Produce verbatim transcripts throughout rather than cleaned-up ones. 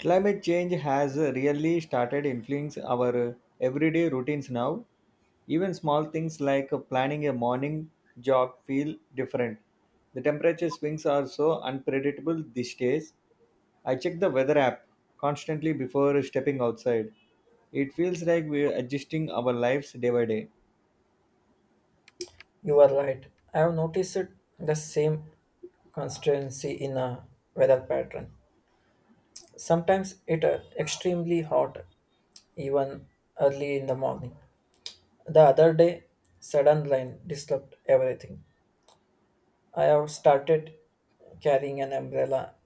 Climate change has really started influencing our everyday routines now. Even small things like planning a morning jog feel different. The temperature swings are so unpredictable these days. I check the weather app constantly before stepping outside. It feels like we're adjusting our lives day by day. You are right. I have noticed the same constancy in a weather pattern. Sometimes it uh, extremely hot, even early in the morning. The other day, sudden rain disturbed everything. I have started carrying an umbrella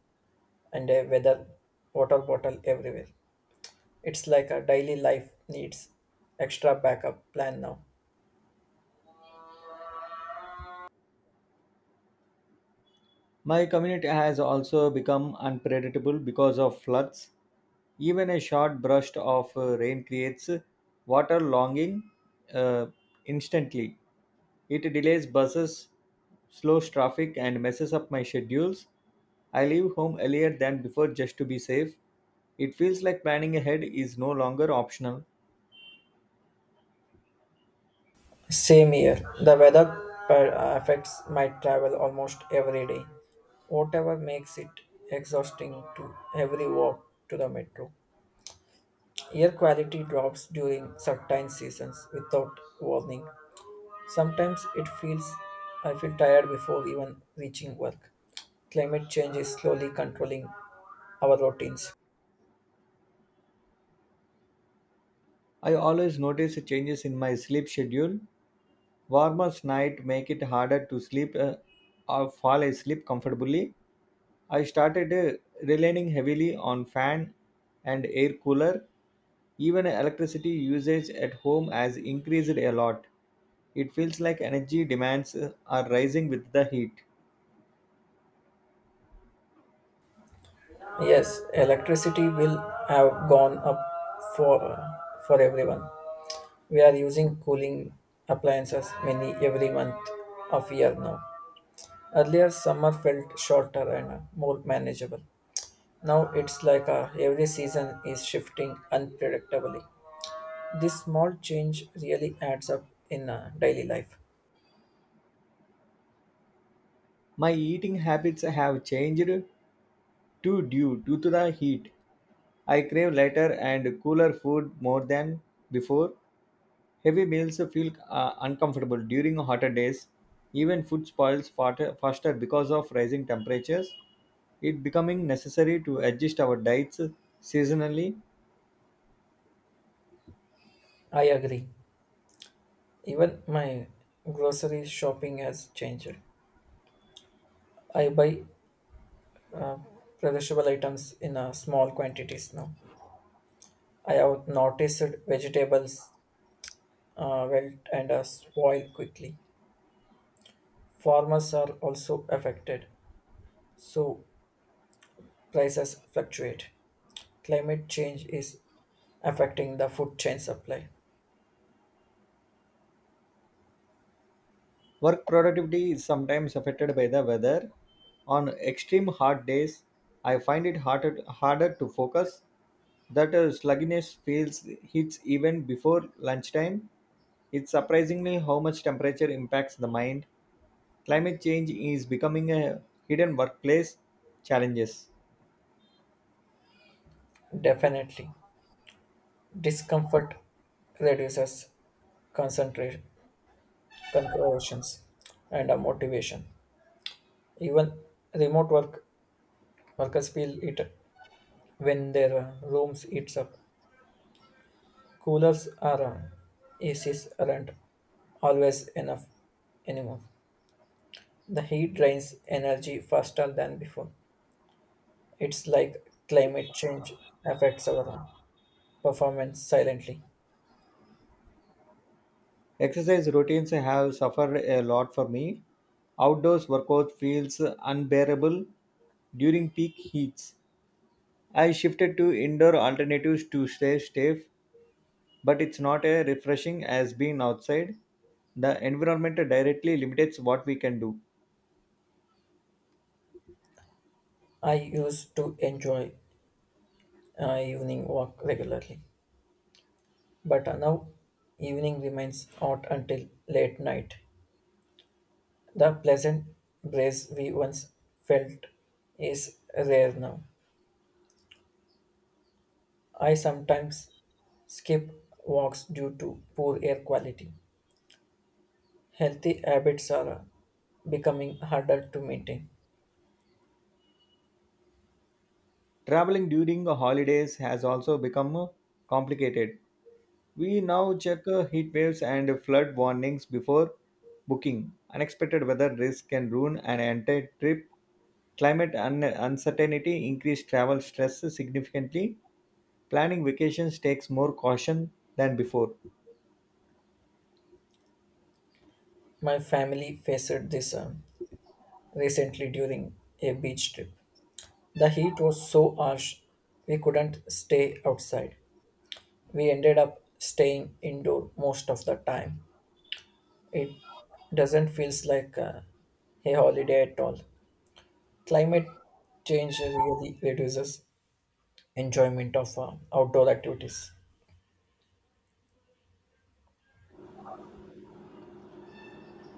and a weather water bottle everywhere. It's like a daily life needs extra backup plan now. My community has also become unpredictable because of floods. Even a short burst of uh, rain creates water logging uh, instantly. It delays buses, slows traffic, and messes up my schedules. I leave home earlier than before just to be safe. It feels like planning ahead is no longer optional. Same here. The weather per- uh, affects my travel almost every day. Whatever makes it exhausting to every walk to the metro. Air quality drops during certain seasons without warning. Sometimes it feels I feel tired before even reaching work. Climate change is slowly controlling our routines. I always notice changes in my sleep schedule. Warmer nights make it harder to sleep uh, or fall asleep comfortably. I started uh, relying heavily on fan and air cooler. Even electricity usage at home has increased a lot. It feels like energy demands uh, are rising with the heat. Yes, electricity will have gone up for uh, for everyone. We are using cooling appliances many every month of year now. Earlier, summer felt shorter and more manageable. Now it's like uh, every season is shifting unpredictably. This small change really adds up in uh, daily life. My eating habits have changed too due due to the heat. I crave lighter and cooler food more than before. Heavy meals feel uh, uncomfortable during hotter days. Even food spoils fat- faster because of rising temperatures. It becoming necessary to adjust our diets seasonally. I agree. Even my grocery shopping has changed. I buy perishable items in uh, small quantities now. I have noticed vegetables uh, wilt and uh, spoil quickly. Farmers are also affected, so prices fluctuate. Climate change is affecting the food chain supply. Work productivity is sometimes affected by the weather. On extreme hot days, I find it harder, harder to focus. That uh, sluggishness feels hits even before lunchtime. It's surprisingly how much temperature impacts the mind. Climate change is becoming a hidden workplace challenges. Definitely. Discomfort reduces concentration, considerations and uh, motivation. Even remote work workers feel it when their uh, rooms heats up. Coolers are uh, A Cs aren't always enough anymore. The heat drains energy faster than before. It's like climate change affects our performance silently. Exercise routines have suffered a lot for me. Outdoors workout feels unbearable during peak heats. I shifted to indoor alternatives to stay safe, but it's not as refreshing as being outside. The environment directly limits what we can do. I used to enjoy uh, evening walk regularly, but now evening remains hot until late night. The pleasant breeze we once felt is rare now. I sometimes skip walks due to poor air quality. Healthy habits are becoming harder to maintain. Traveling during the holidays has also become complicated. We now check uh, heat waves and flood warnings before booking. Unexpected weather risk can ruin an entire trip. Climate un- uncertainty increased travel stress significantly. Planning vacations takes more caution than before. My family faced this uh, recently during a beach trip. The heat was so harsh we couldn't stay outside. We ended up staying indoor most of the time. It doesn't feel like uh, a holiday at all. Climate change really reduces enjoyment of uh, outdoor activities.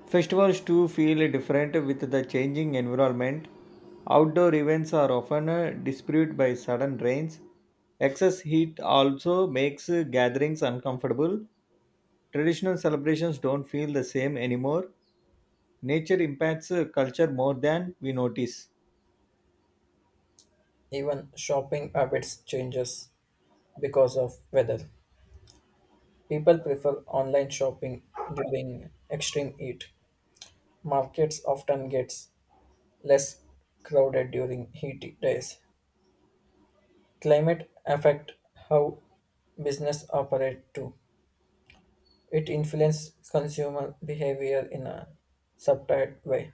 Festivals too feel different with the changing environment. Outdoor events are often uh, disproved by sudden rains. Excess heat also makes uh, gatherings uncomfortable. Traditional celebrations don't feel the same anymore. Nature impacts uh, culture more than we notice. Even shopping habits changes because of weather. People prefer online shopping during extreme heat. Markets often get less crowded during heat days. Climate affect how business operate too. It influences consumer behavior in a subtle way.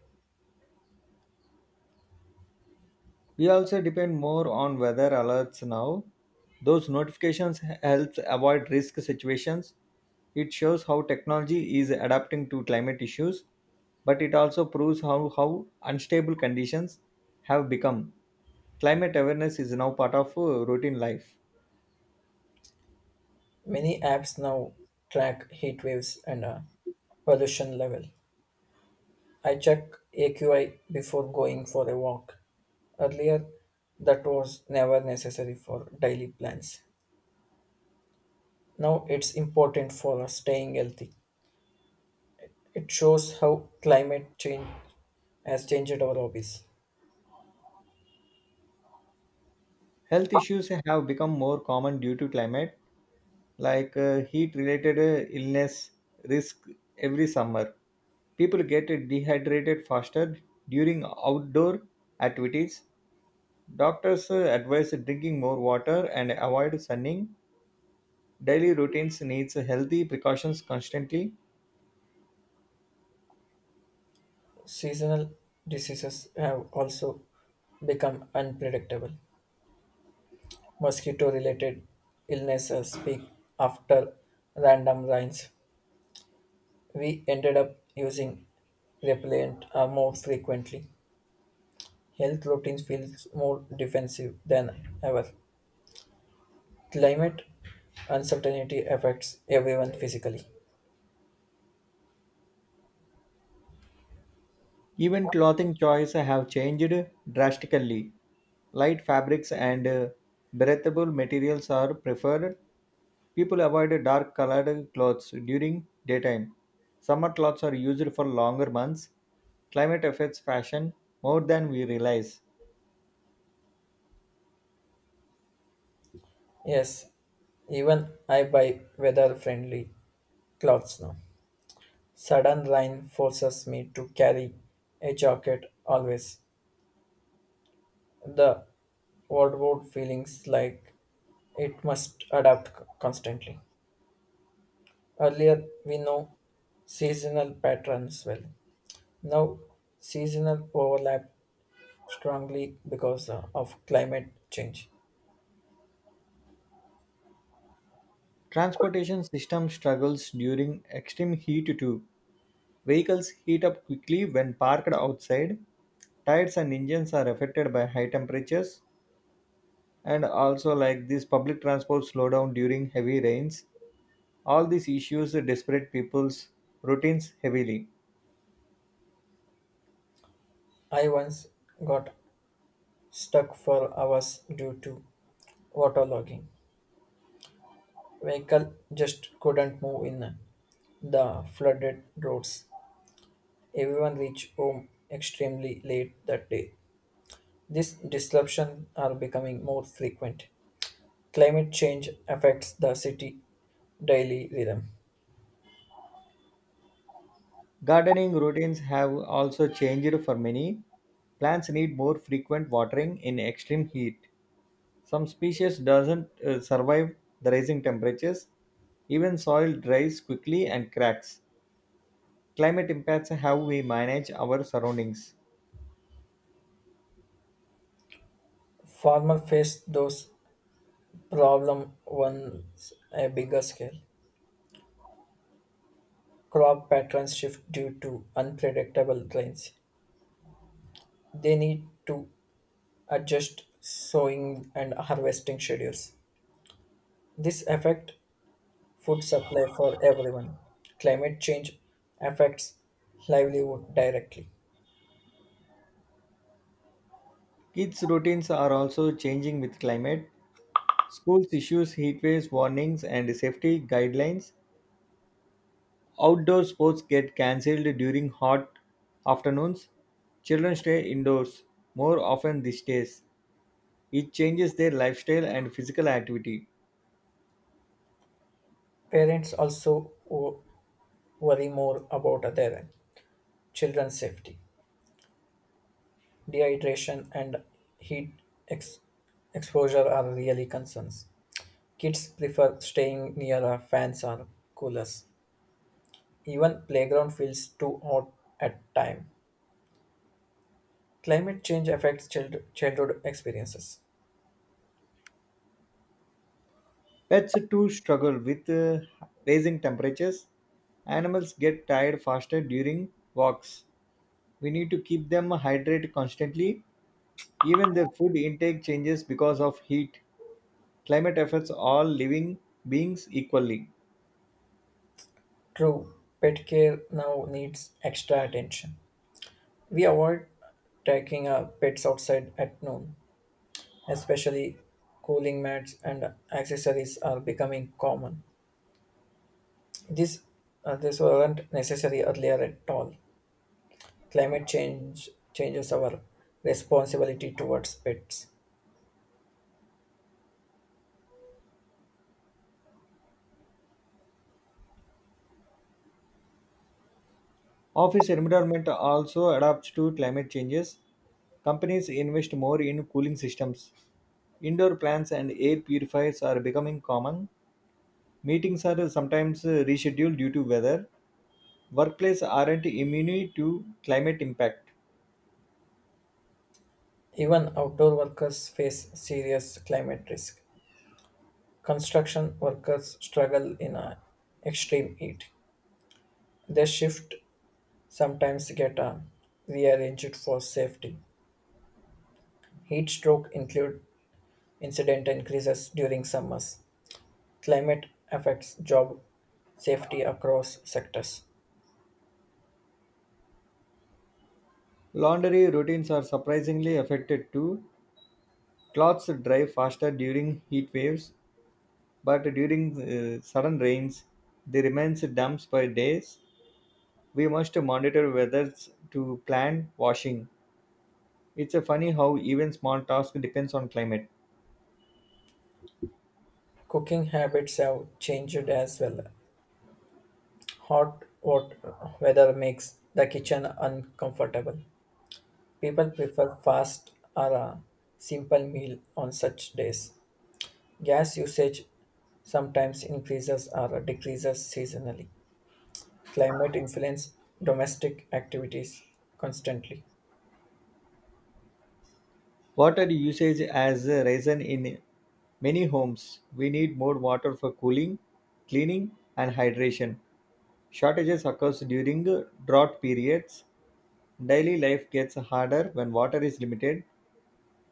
We also depend more on weather alerts now. Those notifications h- helps avoid risk situations. It shows how technology is adapting to climate issues, but it also proves how, how unstable conditions have become. Climate awareness is now part of uh, routine life. Many apps now track heat waves and uh, pollution level. I check A Q I before going for a walk. Earlier, that was never necessary for daily plans. Now it's important for us staying healthy. It shows how climate change has changed our hobbies. Health issues have become more common due to climate like uh, heat related illness risk every summer. People get dehydrated faster during outdoor activities. Doctors uh, advise drinking more water and avoid sunning. Daily routines needs healthy precautions constantly. Seasonal diseases have also become unpredictable. Mosquito related illnesses peak after random rains. We ended up using repellent uh, more frequently. Health routines feels more defensive than ever. Climate uncertainty affects everyone physically. Even clothing choice have changed drastically. Light fabrics and uh, breathable materials are preferred. People avoid dark colored clothes during daytime. Summer clothes are used for longer months. Climate affects fashion more than we realize. Yes, even I buy weather friendly clothes now. Sudden rain forces me to carry a jacket always. The wardrobe feelings like it must adapt c- constantly. Earlier, we know seasonal patterns well. Now, seasonal overlap strongly because uh, of climate change. Transportation system struggles during extreme heat too. Vehicles heat up quickly when parked outside. Tires and engines are affected by high temperatures, and also like this public transport slow down during heavy rains. All these issues desperate people's routines heavily. I once got stuck for hours due to waterlogging. Vehicle just couldn't move in the flooded roads. Everyone reached home extremely late that day. These disruptions are becoming more frequent. Climate change affects the city daily rhythm. Gardening routines have also changed for many. Plants need more frequent watering in extreme heat. Some species doesn't uh, survive the rising temperatures. Even soil dries quickly and cracks. Climate impacts how we manage our surroundings. Farmers face those problems on a bigger scale. Crop patterns shift due to unpredictable rains. They need to adjust sowing and harvesting schedules. This affects food supply for everyone. Climate change affects livelihood directly. Kids' routines are also changing with climate. Schools issues heat waves warnings and safety guidelines. Outdoor sports get cancelled during hot afternoons. Children stay indoors more often these days. It changes their lifestyle and physical activity. Parents also wo- worry more about their children's safety. Dehydration and heat ex- exposure are really concerns. Kids prefer staying near a fans or coolers. Even playground feels too hot at time. Climate change affects child- childhood experiences. Pets too struggle with uh, raising temperatures. Animals get tired faster during walks. We need to keep them hydrated constantly. Even their food intake changes because of heat. Climate affects all living beings equally. True, pet care now needs extra attention. We avoid taking our pets outside at noon, especially cooling mats and accessories are becoming common. This, uh, this weren't necessary earlier at all. Climate change changes our responsibility towards pets. Office environment also adapts to climate changes. Companies invest more in cooling systems. Indoor plants and air purifiers are becoming common. Meetings are sometimes uh, rescheduled due to weather. Workplaces aren't immune to climate impact. Even outdoor workers face serious climate risk. Construction workers struggle in a extreme heat. Their shift sometimes get uh, rearranged for safety. Heat stroke include incident increases during summers. Climate affects job safety across sectors. Laundry routines are surprisingly affected too. Clothes dry faster during heat waves, but during uh, sudden rains, they remain damp for days. We must monitor weather to plan washing. It's a funny how even small tasks depends on climate. Cooking habits have changed as well. Hot hot weather makes the kitchen uncomfortable. People prefer fast or a simple meal on such days. Gas usage sometimes increases or decreases seasonally. Climate influence domestic activities constantly. Water usage has risen in many homes. We need more water for cooling, cleaning, and hydration. Shortages occurs during drought periods. Daily life gets harder when water is limited.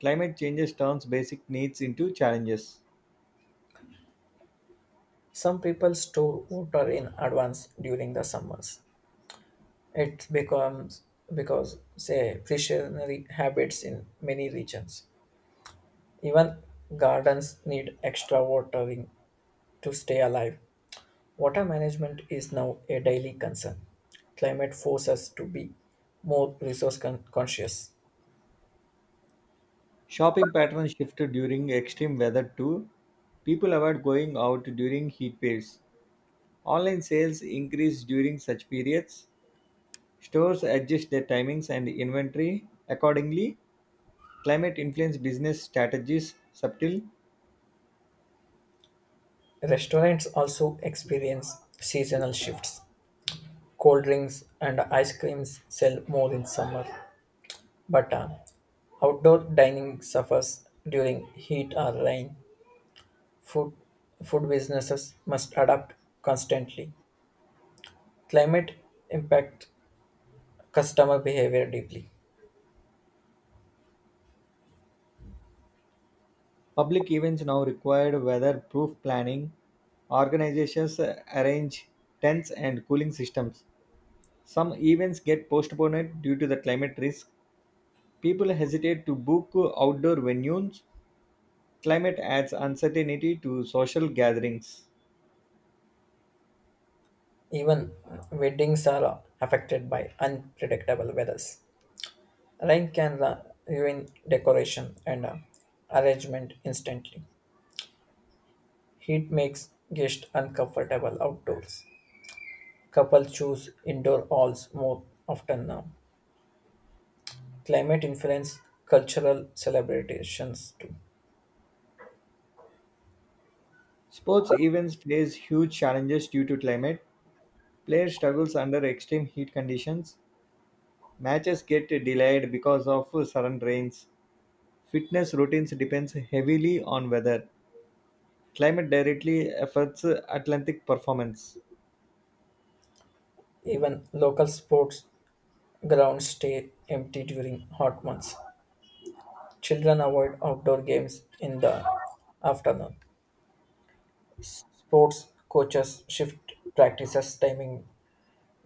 Climate changes turns basic needs into challenges. Some people store water in advance during the summers. It becomes because say precautionary habits in many regions. Even gardens need extra watering to stay alive. Water management is now a daily concern. Climate forces us to be more resource con- conscious. Shopping patterns shifted during extreme weather too. People avoid going out during heat waves. Online sales increase during such periods. Stores adjust their timings and inventory accordingly. Climate influence business strategies subtle. Restaurants also experience seasonal shifts. Cold drinks and ice creams sell more in summer, but uh, outdoor dining suffers during heat or rain. Food, food businesses must adapt constantly. Climate impact customer behavior deeply. Public events now require weather-proof planning. Organizations uh, arrange tents and cooling systems. Some events get postponed due to the climate risk. People hesitate to book outdoor venues. Climate adds uncertainty to social gatherings. Even weddings are affected by unpredictable weathers. Rain can ru- ruin decoration and uh, arrangement instantly. Heat makes guests uncomfortable outdoors. Couples choose indoor halls more often now. Climate influence cultural celebrations too. Sports events face huge challenges due to climate. Players struggles under extreme heat conditions. Matches get delayed because of sudden rains. Fitness routines depends heavily on weather. Climate directly affects Atlantic performance. Even local sports grounds stay empty during hot months. Children avoid outdoor games in the afternoon. Sports coaches shift practices timing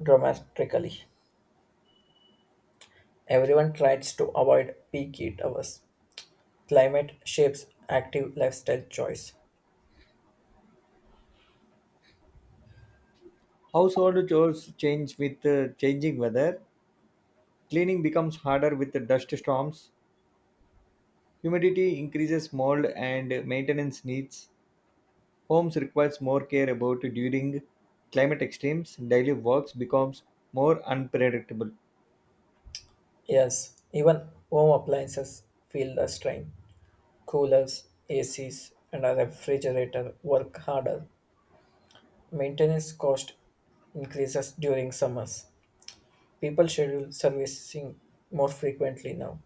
dramatically. Everyone tries to avoid peak heat hours. Climate shapes active lifestyle choice. Household chores change with uh, changing weather. Cleaning becomes harder with the dust storms. Humidity increases mold and maintenance needs. Homes requires more care about during climate extremes. Daily works becomes more unpredictable. Yes, even home appliances feel the strain. Coolers, A Cs, and a refrigerator work harder. Maintenance cost increases during summers. People schedule servicing more frequently now.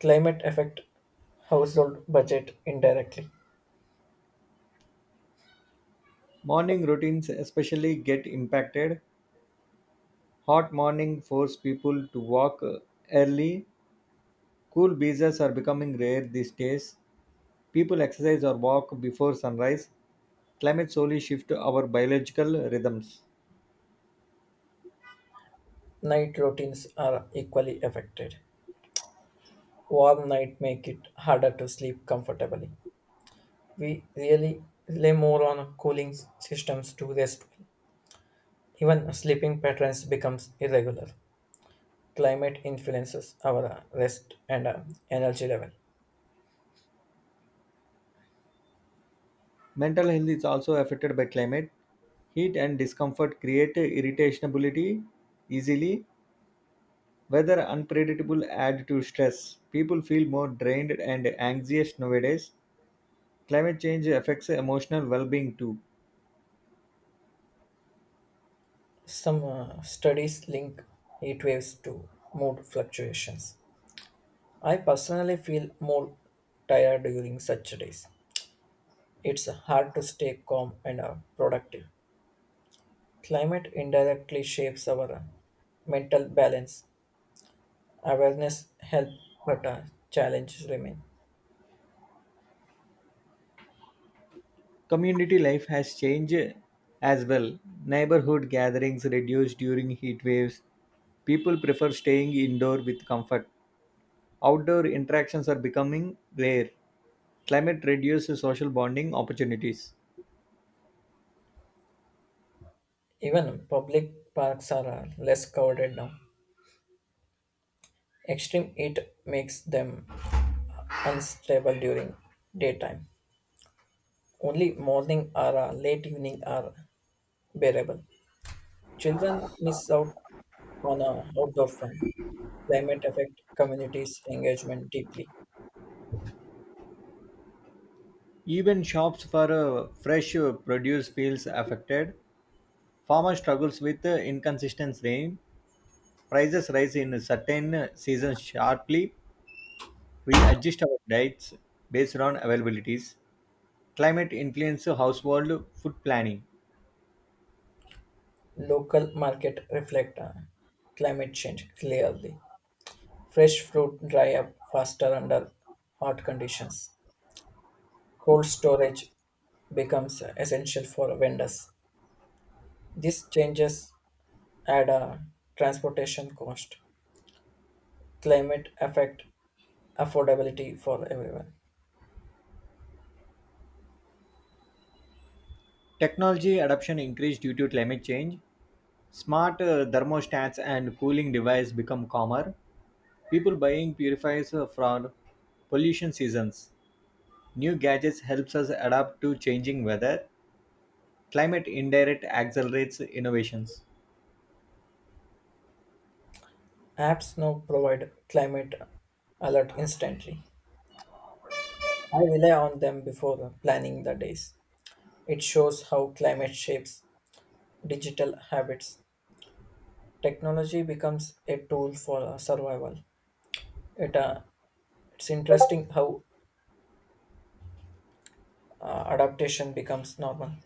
Climate affect household budget indirectly. Morning routines especially get impacted. Hot morning force people to walk uh, early. Cool breezes are becoming rare these days. People exercise or walk before sunrise. Climate slowly shifts our biological rhythms. Night routines are equally affected. Warm night make it harder to sleep comfortably. We really rely more on cooling systems to rest. Even sleeping patterns becomes irregular. Climate influences our uh, rest and uh, energy level. Mental health is also affected by climate. Heat and discomfort create irritability easily. Weather unpredictable add to stress. People feel more drained and anxious nowadays. Climate change affects emotional well-being too. Some uh, studies link heat waves to mood fluctuations. I personally feel more tired during such days. It's hard to stay calm and uh, productive. Climate indirectly shapes our uh, mental balance. Awareness helps, but uh, challenges remain. Community life has changed as well. Neighborhood gatherings reduced during heat waves. People prefer staying indoor with comfort. Outdoor interactions are becoming rare. Climate reduces social bonding opportunities. Even public parks are uh, less crowded now. Extreme heat makes them unstable during daytime. Only morning or uh, late evening are bearable. Children miss out on uh, outdoor fun. Climate affect communities' engagement deeply. Even shops for uh, fresh uh, produce feels affected. Farmer struggles with uh, inconsistent rain. Prices rise in certain uh, seasons sharply. We adjust our diets based on availabilities. Climate influence household food planning. Local market reflect uh, climate change clearly. Fresh fruit dry up faster under hot conditions. Cold storage becomes essential for vendors. These changes add a transportation cost. Climate affect affordability for everyone. Technology adoption increased due to climate change. Smart uh, thermostats and cooling devices become common. People buying purifiers uh, from pollution seasons. New gadgets helps us adapt to changing weather. Climate indirect accelerates innovations. Apps now provide climate alert instantly. I rely on them before planning the days. It shows how climate shapes digital habits. Technology becomes a tool for uh, survival. It, uh, it's interesting how uh, adaptation becomes normal.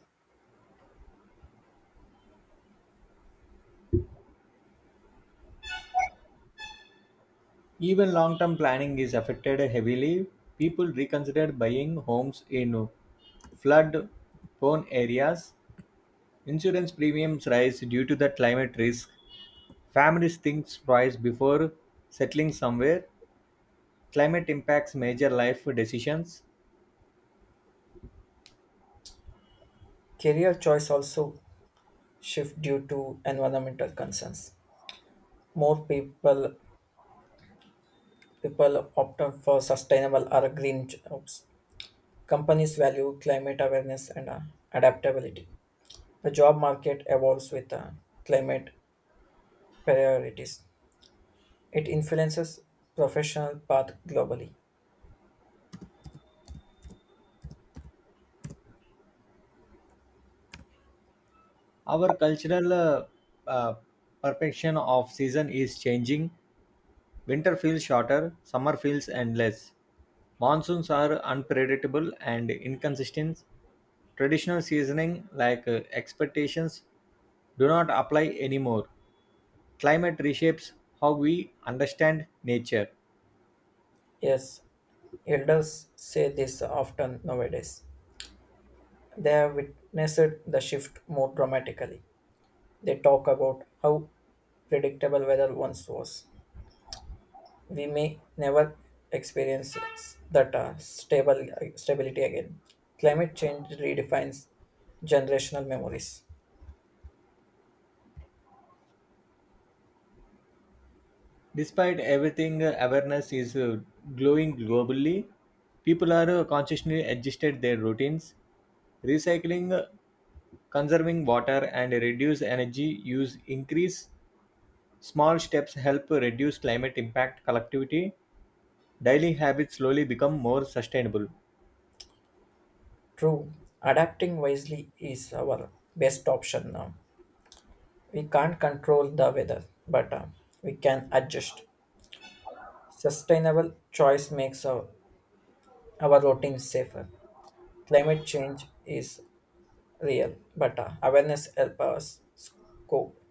Even long-term planning is affected heavily. People reconsider buying homes in flood prone areas. Insurance premiums rise due to the climate risk. Families think twice before settling somewhere. Climate impacts major life decisions. Career choice also shift due to environmental concerns. More people people opt out for sustainable or green jobs. Companies value climate awareness and uh, adaptability. The job market evolves with uh, climate priorities. It influences professional path globally. Our cultural uh, uh, perception of season is changing. Winter feels shorter, summer feels endless. Monsoons are unpredictable and inconsistent. Traditional seasoning like uh, expectations do not apply anymore. Climate reshapes how we understand nature. Yes, elders say this often nowadays. They have witnessed the shift more dramatically. They talk about how predictable weather once was. We may never experience that uh, stable uh, stability again. Climate change redefines generational memories. Despite everything, uh, awareness is uh, growing globally. People are uh, consciously adjusted their routines, recycling, uh, conserving water, and reduce energy use. Increase small steps help reduce climate impact. Collectivity daily habits slowly become more sustainable. True, adapting wisely is our best option now. We can't control the weather, but uh, we can adjust. Sustainable choice makes our, our routine safer. Climate change is real, but uh, awareness helps us cope.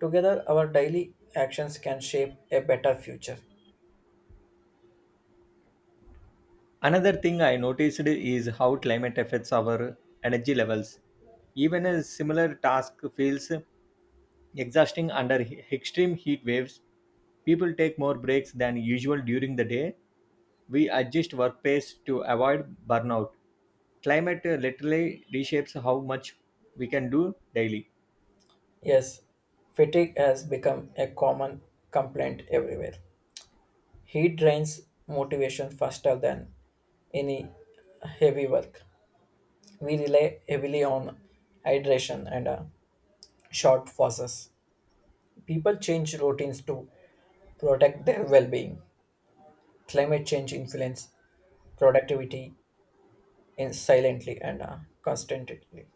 Together, our daily actions can shape a better future. Another thing I noticed is how climate affects our energy levels. Even a similar task feels exhausting under he- extreme heat waves. People take more breaks than usual during the day. We adjust work pace to avoid burnout. Climate uh, literally reshapes how much we can do daily. Yes, fatigue has become a common complaint everywhere. Heat drains motivation faster than any heavy work. We rely heavily on hydration and uh, short pauses. People change routines to protect their well-being. Climate change influence productivity in silently and uh, constantly.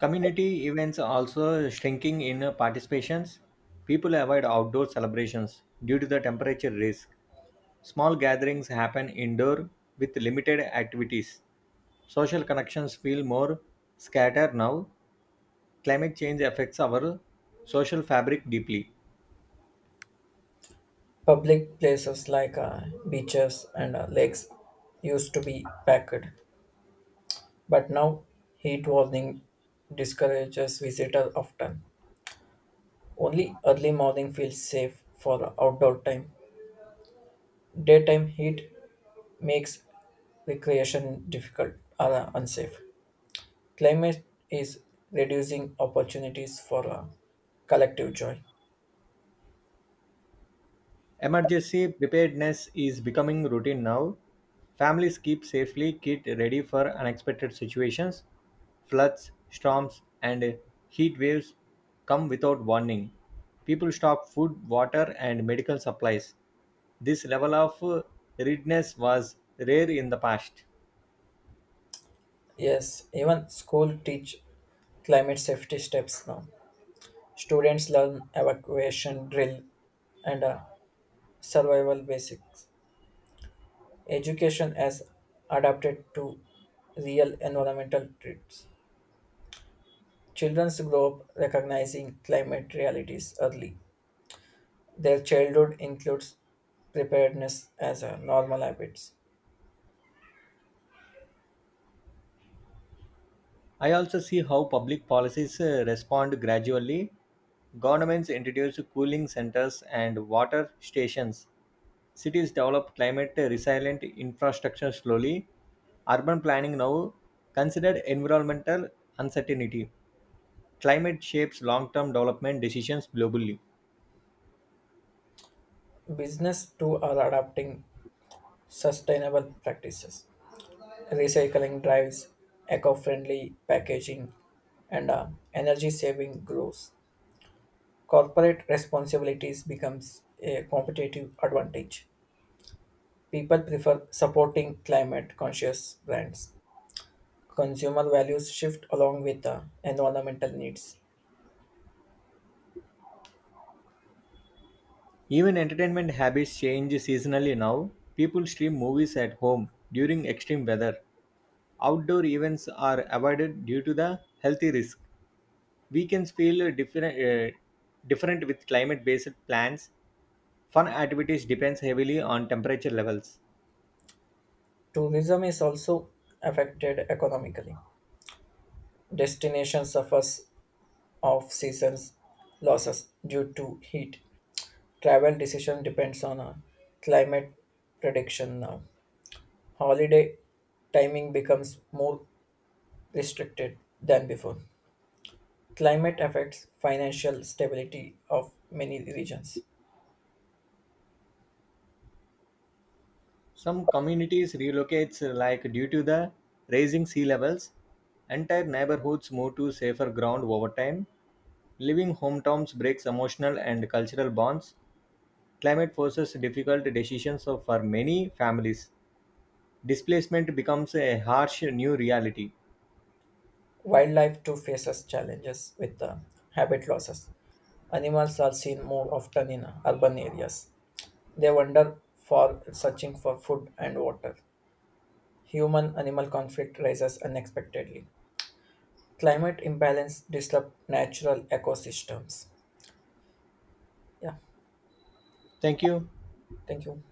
Community events are also shrinking in uh, participations. People avoid outdoor celebrations due to the temperature risk. Small gatherings happen indoor with limited activities. Social connections feel more scattered now. Climate change affects our social fabric deeply. Public places like uh, beaches and uh, lakes used to be packed, but now heat warning discourages visitors often. Only early morning feels safe for outdoor time. Daytime heat makes recreation difficult or uh, unsafe. Climate is reducing opportunities for uh, collective joy. Emergency preparedness is becoming routine now. Families keep safely kit ready for unexpected situations. Floods, storms, and heat waves come without warning. People stock food, water, and medical supplies. This level of uh, readiness was rare in the past. Yes, even school teach climate safety steps now. Students learn evacuation drill and uh, survival basics. Education has adapted to real environmental threats. Children grow up recognizing climate realities early. Their childhood includes preparedness as a normal habits. I also see how public policies uh, respond gradually. Governments introduce cooling centers and water stations. Cities develop climate resilient infrastructure slowly. Urban planning now considered environmental uncertainty. Climate shapes long term development decisions globally. Business too are adapting sustainable practices, recycling drives, eco friendly packaging, and uh, energy saving grows. Corporate responsibilities becomes a competitive advantage. People prefer supporting climate conscious brands. Consumer values shift along with uh, environmental needs. Even entertainment habits change seasonally now. People stream movies at home during extreme weather. Outdoor events are avoided due to the healthy risk. Weekends feel different, uh, different with climate-based plans. Fun activities depends heavily on temperature levels. Tourism is also affected economically. Destination suffers of seasons losses due to heat travel decision depends on a climate prediction now. Holiday timing becomes more restricted than before. Climate affects financial stability of many regions. Some communities relocates uh, like due to the rising sea levels. Entire neighborhoods move to safer ground over time. Leaving hometowns breaks emotional and cultural bonds. Climate forces difficult decisions for many families. Displacement becomes a harsh new reality. Wildlife too faces challenges with uh, habit losses. Animals are seen more often in urban areas. They wander for searching for food and water. Human-animal conflict rises unexpectedly. Climate imbalance disrupt natural ecosystems. Yeah, Thank you. thank you.